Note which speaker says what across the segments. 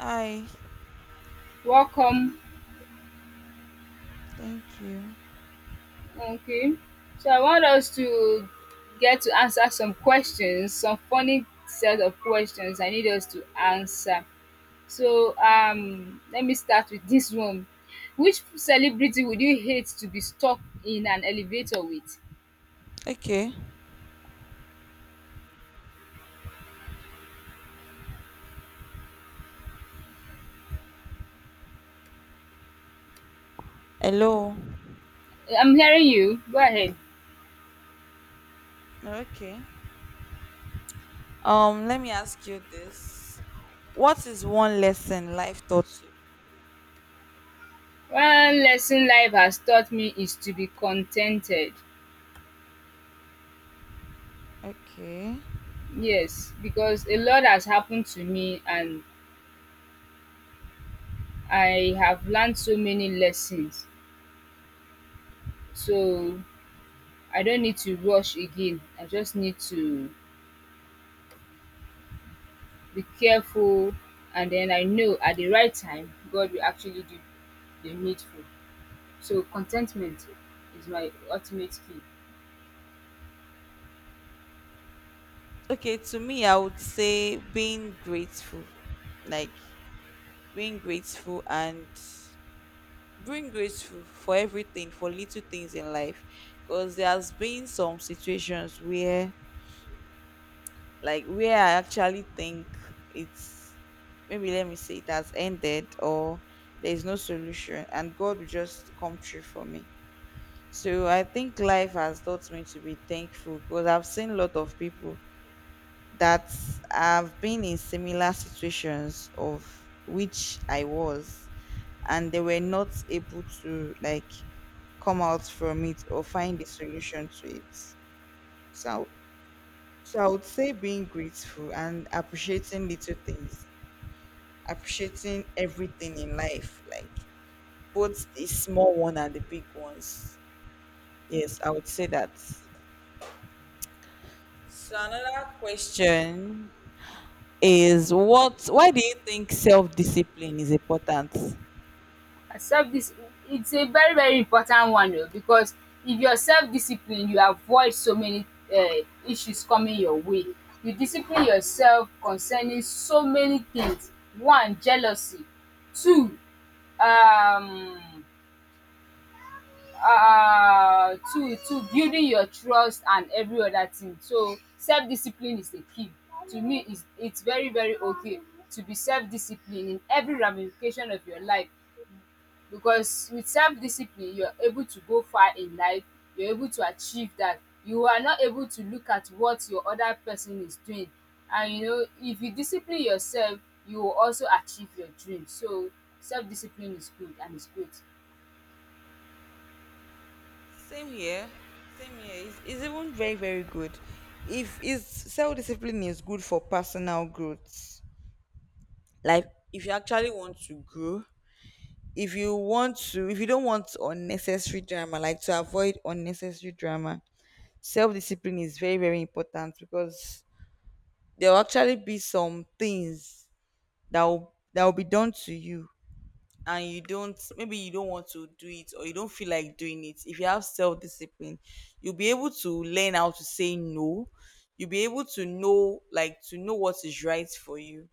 Speaker 1: Hi,
Speaker 2: Welcome.
Speaker 1: thank you.
Speaker 2: Okay. So I want us to get to answer some questions, some funny set of questions I need us to answer. So let me start with this one. Which celebrity would you hate to be stuck in an elevator with?
Speaker 1: Okay. Hello.
Speaker 2: I'm hearing you. Go ahead.
Speaker 1: Okay. Let me ask you this. What is one lesson life taught you?
Speaker 2: One lesson life has taught me is to be contented.
Speaker 1: Okay.
Speaker 2: Yes, because a lot has happened to me and I have learned so many lessons. So I don't need to rush again. I just need to be careful and then I know at the right time God will actually do the needful. So contentment is my ultimate key.
Speaker 1: Okay, to me I would say being grateful. Like being grateful and being grateful for everything, for little things in life. Because there's been some situations where like where I actually think it's, maybe let me say it has ended or there is no solution, and God will just come through for me. So I think life has taught me to be thankful, because I've seen a lot of people that have been in similar situations of which I was, and they were not able to like come out from it or find a solution to it. So I would say being grateful and appreciating little things, appreciating everything in life, like both the small one and the big ones. Yes, I would say that. So another question is what why do you think self-discipline is important?
Speaker 2: And self dis it's a very very important one o because if you are self disciplined you avoid so many um issues coming your way. You discipline yourself concerning so many things. One, jealousy. Two, um to building your trust and every other thing. So self-discipline is the key. To me, it's very very okay to be self-disciplined in every ramification of your life because with self-discipline, you're able to go far in life, you're able to achieve that. You are not able to look at what your other person is doing and you know if you discipline yourself, you will also achieve your dream. So self-discipline is good and it's good.
Speaker 1: Same here. Same here. It's even very, very good. If is Self-discipline is good for personal growth. Like if you actually want to grow, if you don't want unnecessary drama, like to avoid unnecessary drama, self-discipline is very very important, because there will actually be some things that will be done to you, and you don't maybe you don't want to do it or you don't feel like doing it. If you have self-discipline, you'll be able to learn how to say no, you'll be able to know to know what is right for you,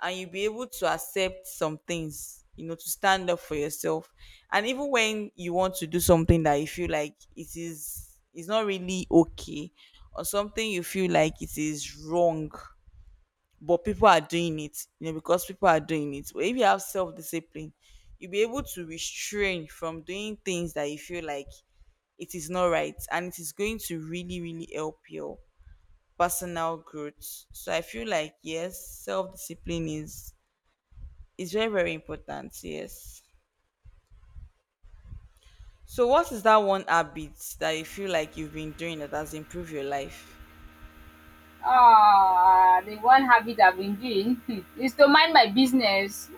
Speaker 1: and you'll be able to accept some things, you know, to stand up for yourself. And even when you want to do something that you feel like it's not really okay, or something you feel like it is wrong but people are doing it, you know, because people are doing it. But if you have self discipline, you'll be able to restrain from doing things that you feel like it is not right, and it is going to really, really help your personal growth. So I feel like yes, self discipline is very, very important. Yes. So what is that one habit that you feel like you've been doing that has improved your life?
Speaker 2: Ah, the one habit I've been doing, hmm, is to mind my business.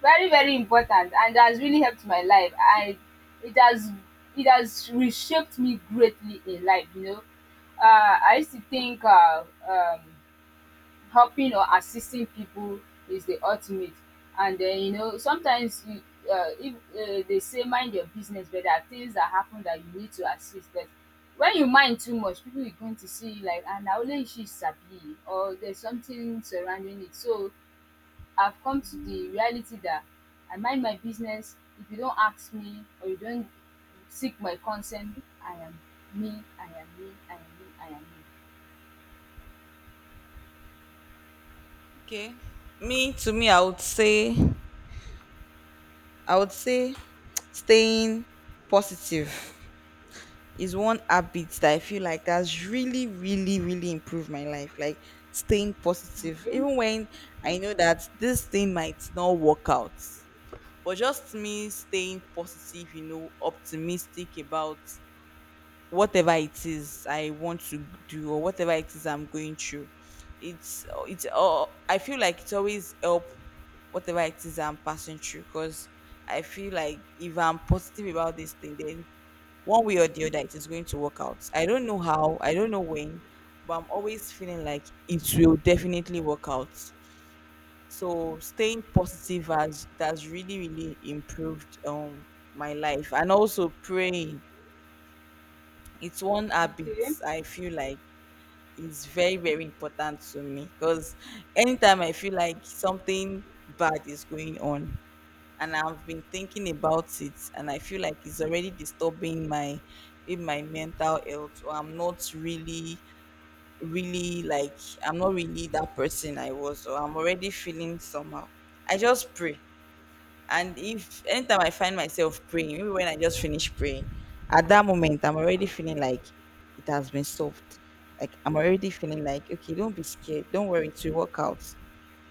Speaker 2: Very, very important, and has really helped my life. It has, it has reshaped me greatly in life. You know, I used to think helping or assisting people is the ultimate. And then, you know, sometimes you, if they say mind your business, but there are things that happen that you need to assist. But when you mind too much, people are going to see you like, and only she sabi, or there's something surrounding it. So I've come to the reality that I mind my business. If you don't ask me or you don't seek my consent, I am me, I am me, I am me, I
Speaker 1: Okay. Me to me I would say I would say staying positive is one habit that I feel like that's really, really, really improved my life. Like staying
Speaker 2: am
Speaker 1: positive,
Speaker 2: me.
Speaker 1: even when I know that this thing might not work out. But just me staying positive, you know, optimistic about whatever it is I want to do or whatever it is I'm going through. It's I feel like it's always help whatever it is I'm passing through, because I feel like if I'm positive about this thing, then one way or the other it is going to work out. I don't know how, I don't know when, but I'm always feeling like it will definitely work out. So staying positive has really really improved my life. And also praying, it's one
Speaker 2: Okay,
Speaker 1: habit
Speaker 2: okay,
Speaker 1: I feel like is very, very important to me, because anytime I feel like something bad is going on and I've been thinking about it and I feel like it's already disturbing my in my mental health, or I'm not really like I'm not really that person I was, or I'm already feeling somehow. I just pray. And if anytime I find myself praying, maybe when I just finish praying, at that moment I'm already feeling like it has been solved. Like I'm already feeling like, okay, don't be scared, don't worry, it will work out.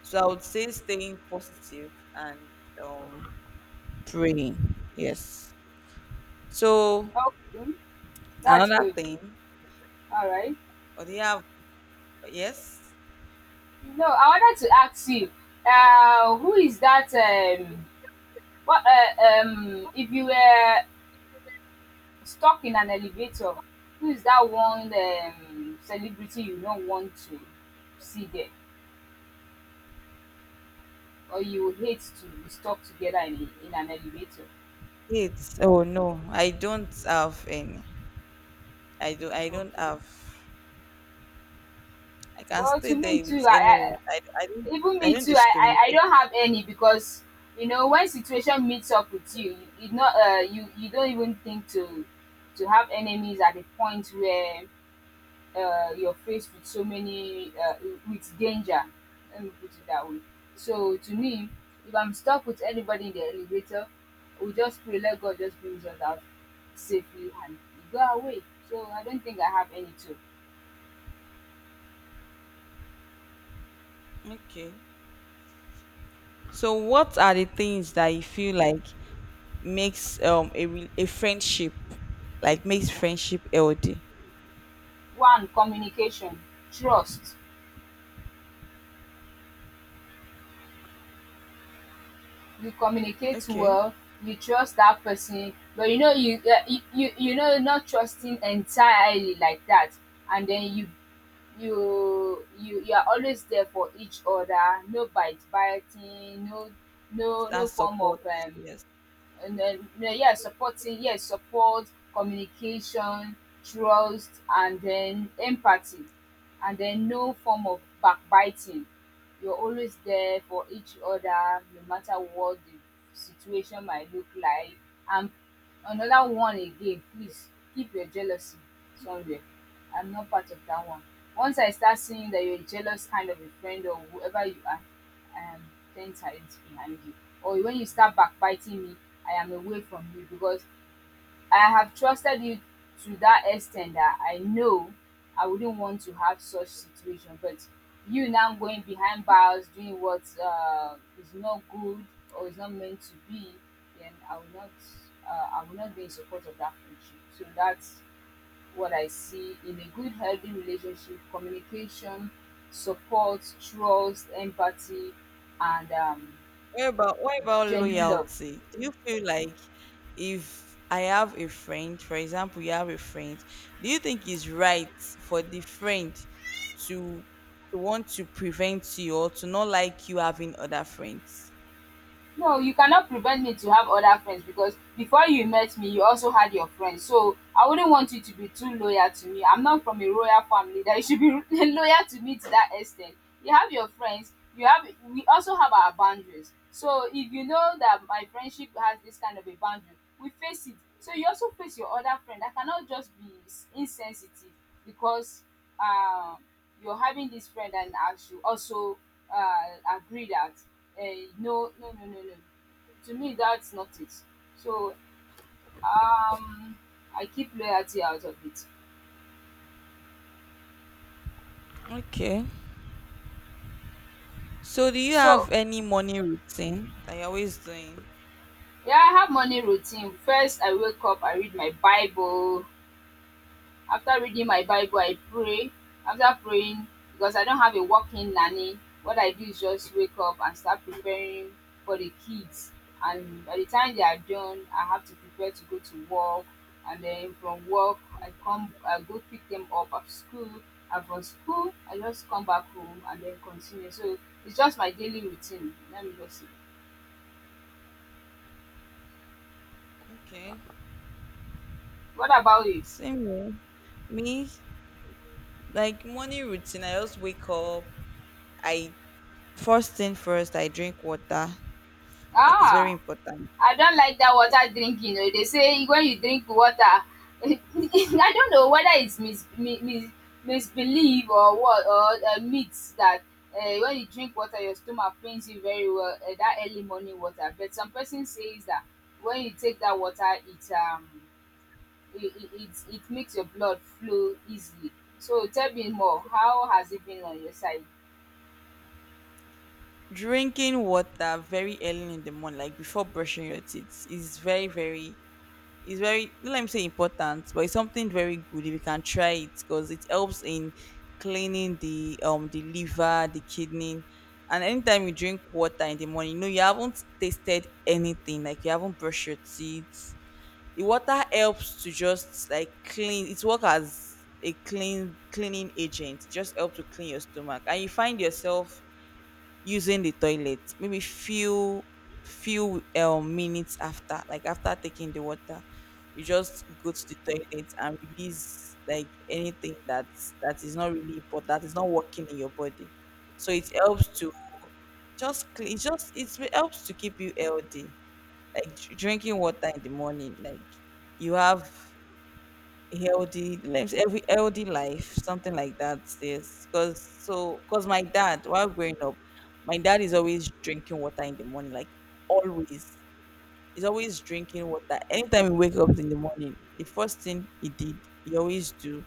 Speaker 1: So I would say staying positive and um praying. Yes. So
Speaker 2: okay. That's
Speaker 1: another
Speaker 2: good.
Speaker 1: thing,
Speaker 2: All right.
Speaker 1: or do you have, yes?
Speaker 2: No, I wanted to ask you, who is that? What? If you were stuck in an elevator, who is that one celebrity you don't want to see there, or you hate to be stuck together in an elevator?
Speaker 1: It's, oh no, I don't have any. I don't
Speaker 2: Okay.
Speaker 1: have, I can
Speaker 2: Well,
Speaker 1: stay
Speaker 2: to me
Speaker 1: there with
Speaker 2: too.
Speaker 1: anyone.
Speaker 2: I
Speaker 1: I don't,
Speaker 2: even
Speaker 1: I
Speaker 2: me
Speaker 1: don't
Speaker 2: too I
Speaker 1: discriminate.
Speaker 2: don't have any because you know when situation meets up with you, you know you you don't even think to have enemies at the point where you're faced with so many with danger, let me put it that way. So to me, if I'm stuck with anybody in the elevator, we just pray, let God just brings us out safely and we go away. So I don't think I have any too.
Speaker 1: Okay. So what are the things that you feel like makes a friendship, like makes friendship healthy?
Speaker 2: One, communication, trust. You communicate
Speaker 1: Okay.
Speaker 2: well, you trust that person, but you know you you, you you know not trusting entirely like that, and then you you are always there for each other. No bite biting, no no
Speaker 1: That
Speaker 2: no form of
Speaker 1: support. Yes.
Speaker 2: and then no, yeah, supporting, yes, support. Communication, trust, and then empathy, and then no form of backbiting. You're always there for each other, no matter what the situation might look like. And another one again, please, keep your jealousy somewhere. I'm not part of that one. Once I start seeing that you're a jealous kind of a friend or whoever you are, I am ten times behind you. Or when you start backbiting me, I am away from you because I have trusted you to that extent that I know I wouldn't want to have such situation. But you now going behind bars doing what is not good or is not meant to be, then I will not be in support of that friendship. So that's what I see in a good healthy relationship: communication, support, trust, empathy, and
Speaker 1: What about
Speaker 2: genuine love.
Speaker 1: loyalty? Do you feel like if I have a friend, for example, you have a friend, do you think it's right for the friend to want to prevent you or to not like you having other friends?
Speaker 2: No, you cannot prevent me to have other friends because before you met me, you also had your friends. So I wouldn't want you to be too loyal to me. I'm not from a royal family that you should be loyal to me to that extent. You have your friends. You have. We also have our boundaries. So if you know that my friendship has this kind of a boundary, we face it. So you also face your other friend. I cannot just be insensitive because um you're having this friend and I should also agree that no, no, no, no, no. To me, that's not it. So um, I keep loyalty out of it.
Speaker 1: Okay. So, do you
Speaker 2: So
Speaker 1: have any morning routine that you're always doing?
Speaker 2: yeah, I have morning routine. First, I wake up, I read my Bible, after reading my Bible I pray. After praying, because I don't have a working nanny, what I do is just wake up and start preparing for the kids, and by the time they are done I have to prepare to go to work, and then from work I come, I go pick them up at school, and from school I just come back home and then continue. So it's just my daily routine, let me just see.
Speaker 1: Okay,
Speaker 2: What about you?
Speaker 1: same here. Me, like morning routine, I just wake up. I First thing first, I drink water. Like it's very
Speaker 2: Ah,
Speaker 1: important.
Speaker 2: I don't like that
Speaker 1: Eh,
Speaker 2: water drinking oh. They say when you drink water I don't know whether it's misbelief or what or myth that when you drink water your stomach pains you very well, that early morning water. But some person says that when you take that water it it it it it makes your blood flow easily. So tell me more, how has it been on your side?
Speaker 1: drinking water very early in the morning, like before brushing your teeth, is very very, it's very let me say important, but it's something very good if you can try it, because it helps in cleaning the liver, the kidney. And anytime you drink water in the morning, you know you haven't tasted anything, like you haven't brushed your teeth, the water helps to just like clean, it works as a cleaning agent. It just helps to clean your stomach and you find yourself using the toilet maybe few minutes after, like after taking the water. You just go to the toilet and release like anything that is not really important, that is not working in your body. So it helps to just clean. It just it helps to keep you healthy, like drinking water in the morning. Like you have healthy lives every healthy life, something like that. Yes, because because my dad, while growing up, my dad is always drinking water in the morning, like always. He's always drinking water, anytime he wake up in the morning, the first thing he always do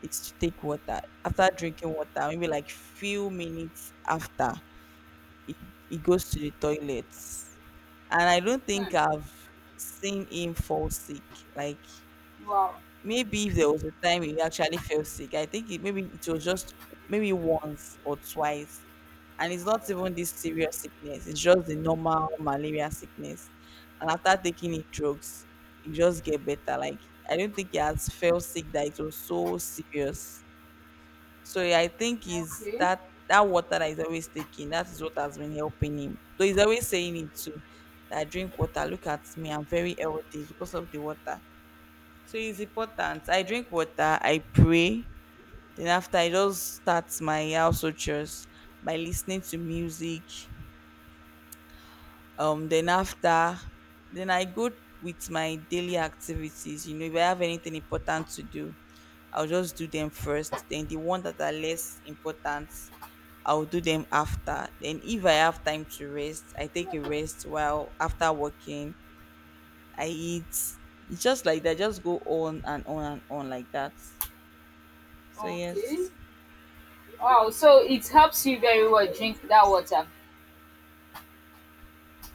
Speaker 1: is to take water. After drinking water, maybe like few minutes after, he, he goes to the toilets, and I don't think
Speaker 2: Hmm,
Speaker 1: I've seen him fall sick. Like,
Speaker 2: wow,
Speaker 1: maybe if there was a time he actually felt sick, I think it, maybe it was just maybe once or twice. And it's not even this serious sickness, it's just the normal malaria sickness. And after taking it drugs, you just get better. Like, I don't think he has felt sick that it was so serious. So yeah, I think is
Speaker 2: okay,
Speaker 1: that that water that he's always taking, that is what has been helping him. Though he's always saying it too, that I drink water, look at me, I'm very healthy because of the water. So it's important. I drink water, I pray. Then after I just start my household chores by listening to music. Then after, then I go with my daily activities. You know, if I have anything important to do, I'll just do them first. Then the one that are less important, I'll do them after. Then if I have time to rest, I take a rest while after working. I eat. It's just like that, just go on and on and on like that. So
Speaker 2: okay.
Speaker 1: yes,
Speaker 2: Wow, so it helps you very well drink that water.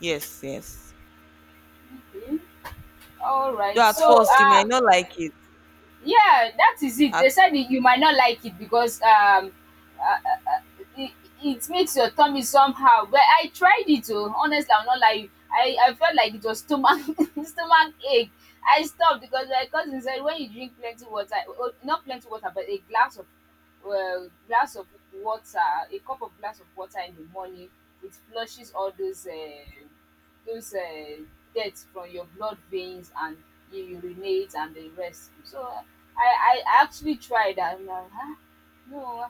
Speaker 1: yes, yes.
Speaker 2: Hmm? All
Speaker 1: Though
Speaker 2: right.
Speaker 1: at
Speaker 2: So
Speaker 1: first you might not like it.
Speaker 2: yeah, that is it.
Speaker 1: At,
Speaker 2: They said that you might not like it because uh, it, it makes your tummy somehow. But I tried it oh, honestly, I'm not like, I felt like it was stomach stomach ache. I stopped because my cousin said when you drink plenty water, oh, not plenty water, but a glass of, well, glass of water, a cup of glass of water in the morning, it flushes all those those uh, dirt from your blood veins and you urinate and the rest. So I actually tried that. I'm like, huh? No,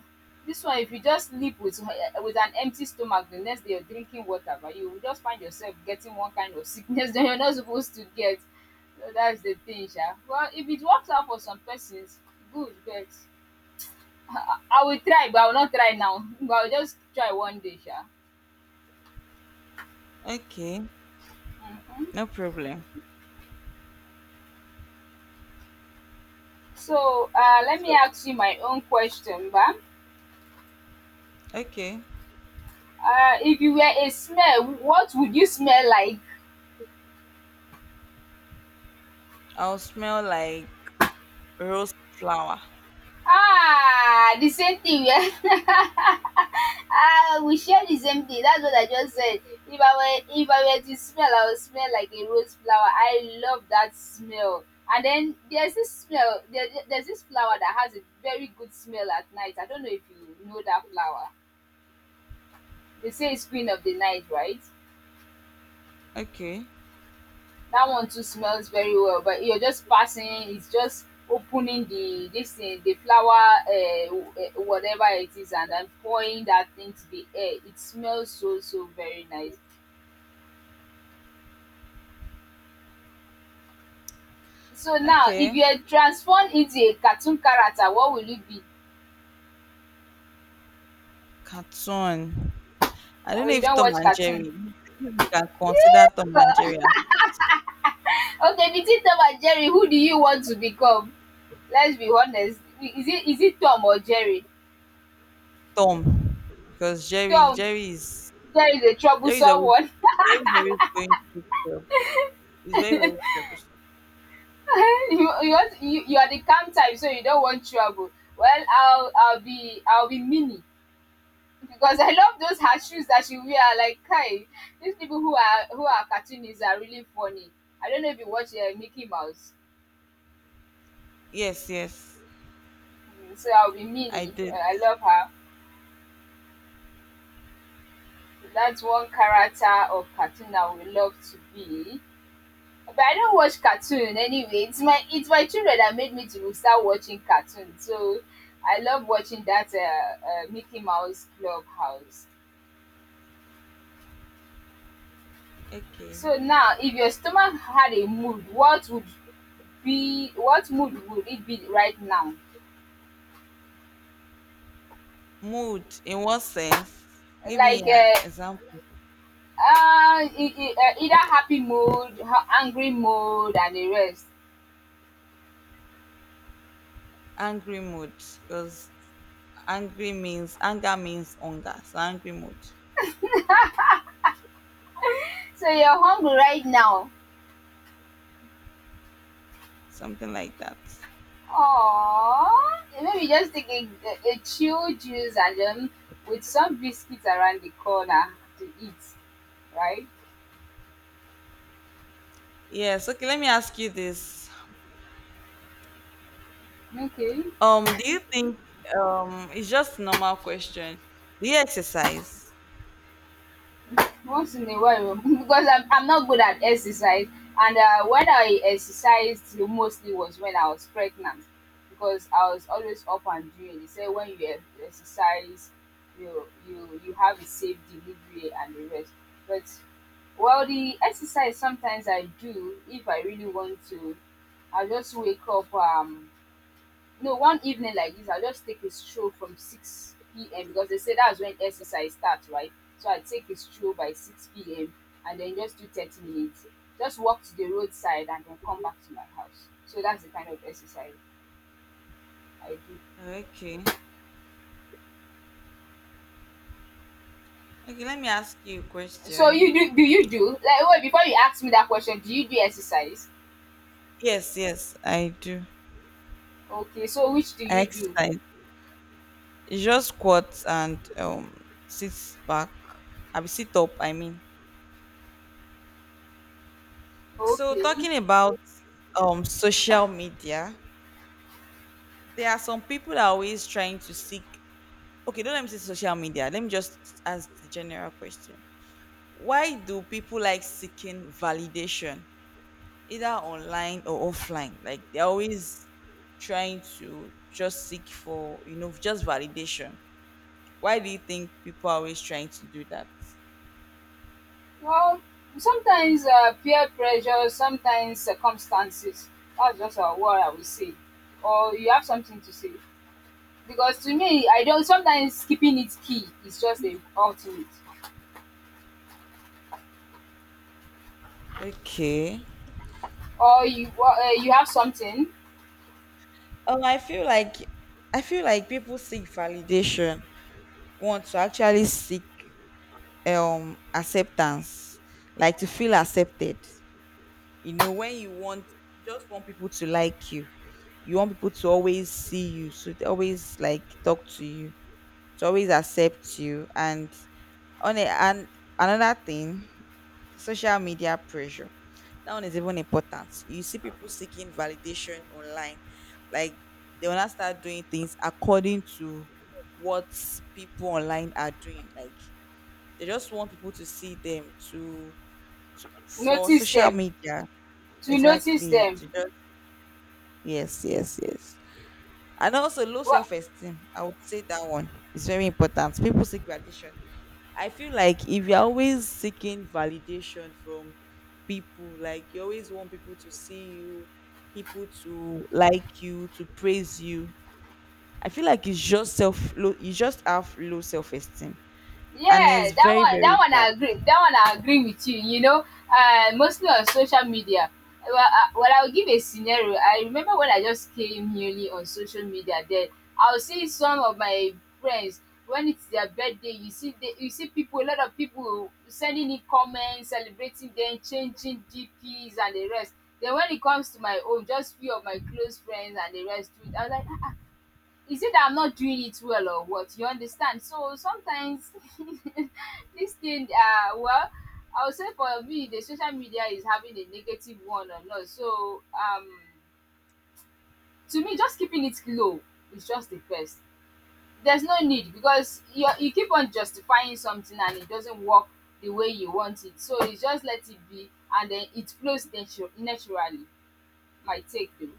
Speaker 2: this one if you just sleep with an empty stomach, the next day you're drinking water but you will just find yourself getting one kind of sickness that you're not supposed to get. So that's the thing sha. Well if it works out for some persons, good, but I will try but I will not try now but I will just try one day sha.
Speaker 1: okay, no problem.
Speaker 2: So let me
Speaker 1: So
Speaker 2: ask you my own question ba.
Speaker 1: okay,
Speaker 2: If you were a smell, what would you smell like?
Speaker 1: I'll smell like rose flower.
Speaker 2: Ah, the same thing, yeah. Ah, we share the same thing. That's what I just said. If I if I were to smell, I would smell like a rose flower. I love that smell. And then there's this smell. There's this flower that has a very good smell at night. I don't know if you know that flower. They say it's queen of the night, right?
Speaker 1: Okay,
Speaker 2: That one too smells very well. But you're just passing. It's just opening the this thing, the flower, whatever it is, and then pouring that thing to the air. It smells so very nice. So now, if
Speaker 1: okay.
Speaker 2: you had transformed into a cartoon character, what will it be?
Speaker 1: Cartoon. I don't
Speaker 2: Or
Speaker 1: know
Speaker 2: you
Speaker 1: if
Speaker 2: don't
Speaker 1: Tom
Speaker 2: watch
Speaker 1: and
Speaker 2: cartoon?
Speaker 1: Jerry. If you can consider Tom
Speaker 2: Yeah.
Speaker 1: and Jerry as
Speaker 2: Okay, between Tom and Jerry, who do you want to become? Let's be honest. Is it Tom or Jerry?
Speaker 1: Tom, because Jerry,
Speaker 2: Tom,
Speaker 1: Jerry is,
Speaker 2: Jerry is a
Speaker 1: Jerry is
Speaker 2: troublesome
Speaker 1: always,
Speaker 2: one.
Speaker 1: Jerry is always going through trouble. He's very very troublesome.
Speaker 2: you, want, you are the calm type, so you don't want trouble. Well, I'll be Minnie because I love those her shoes that she wear. Like, Kai, these people who are cartoonists are really funny. I don't know if you watch Mickey Mouse.
Speaker 1: Yes, yes,
Speaker 2: So I'll be
Speaker 1: I
Speaker 2: Minnie.
Speaker 1: did.
Speaker 2: I love her. That's one character of cartoon I would love to be. But I don't watch cartoon anyway. It's my children that made me to start watching cartoon. So I love watching that Mickey Mouse Clubhouse.
Speaker 1: Okay.
Speaker 2: So now, if your stomach had a mood, what would be what mood would it be right now?
Speaker 1: Mood, in what sense? Give me
Speaker 2: Like
Speaker 1: an example.
Speaker 2: either happy mood, angry mood, and the rest.
Speaker 1: Angry mood, because angry means anger means hunger, so angry mood,
Speaker 2: So you're hungry right now.
Speaker 1: something like that.
Speaker 2: Aw, maybe just take a chill juice and then with some biscuits around the corner to eat, right?
Speaker 1: Yes. Okay. Let me ask you this.
Speaker 2: Okay.
Speaker 1: Do you think it's just normal question? Do you exercise?
Speaker 2: Once in a while because I'm not good at exercise, and when I exercised mostly was when I was pregnant because I was always up and doing. They say when you exercise you have a safe delivery and the rest. But well, the exercise sometimes I do, if I really want to, I just wake up, no, one evening like this, I'll just take a stroll from 6 p.m. because they say that's when exercise starts, right? So I take a stroll by 6 p.m. and then just do 30 minutes. Just walk to the roadside and then come back to my house. So that's the kind of exercise I do.
Speaker 1: Okay. Okay. Let me ask you a
Speaker 2: So
Speaker 1: question.
Speaker 2: you do do you do like wait, before you ask me that question, do you do exercise?
Speaker 1: Yes. Yes, I do.
Speaker 2: Okay, so which do
Speaker 1: I
Speaker 2: you do?
Speaker 1: exercise. It's just squats and sits back. I sit up, I mean. So
Speaker 2: Okay.
Speaker 1: talking about social media, there are some people that are always trying to seek. Okay, don't let me say social media. Let me just ask the general question. Why do people like seeking validation, either online or offline? Like they're always trying to just seek for, you know, just validation. Why do you think people are always trying to do that?
Speaker 2: Well, sometimes peer pressure, sometimes circumstances. That's just what I would say. Or you have something to say. Because to me, I don't. Sometimes keeping it key is just the ultimate.
Speaker 1: Okay.
Speaker 2: Or you you have something,
Speaker 1: I feel like people seek validation, want to actually seek acceptance, like to feel accepted. You know, when you want, you just want people to like you want people to always see you, so they always like talk to you, to always accept you. And and another thing, social media pressure, that one is even important. You see people seeking validation online, like they wanna start doing things according to what people online are doing, like they just want people to see them, to, for
Speaker 2: notice
Speaker 1: social
Speaker 2: them.
Speaker 1: media.
Speaker 2: To notice
Speaker 1: Exactly.
Speaker 2: them.
Speaker 1: To just, yes, yes, yes. And also low
Speaker 2: What,
Speaker 1: self esteem. I would say that one is very important. People seek validation. I feel like if you're always seeking validation from people, like you always want people to see you, people to like you, to praise you, I feel like it's just self low, you just have low self esteem. And
Speaker 2: yeah,
Speaker 1: it's
Speaker 2: that
Speaker 1: very,
Speaker 2: one that
Speaker 1: very
Speaker 2: one I
Speaker 1: bad.
Speaker 2: agree, that one I agree with you, you know, mostly on social media. I'll give a scenario. I remember when I just came newly on social media, then I'll see some of my friends when it's their birthday, you see you see people, a lot of people sending in comments celebrating them, changing GPs and the rest. Then when it comes to my own, just few of my close friends and the rest too, I was like, is it that I'm not doing it well or what? You understand? So sometimes this thing well, I would say for me the social media is having a negative one or not. So to me just keeping it low is just the best. There's no need because you keep on justifying something and it doesn't work the way you want it. So you just let it be and then it flows naturally. My take though.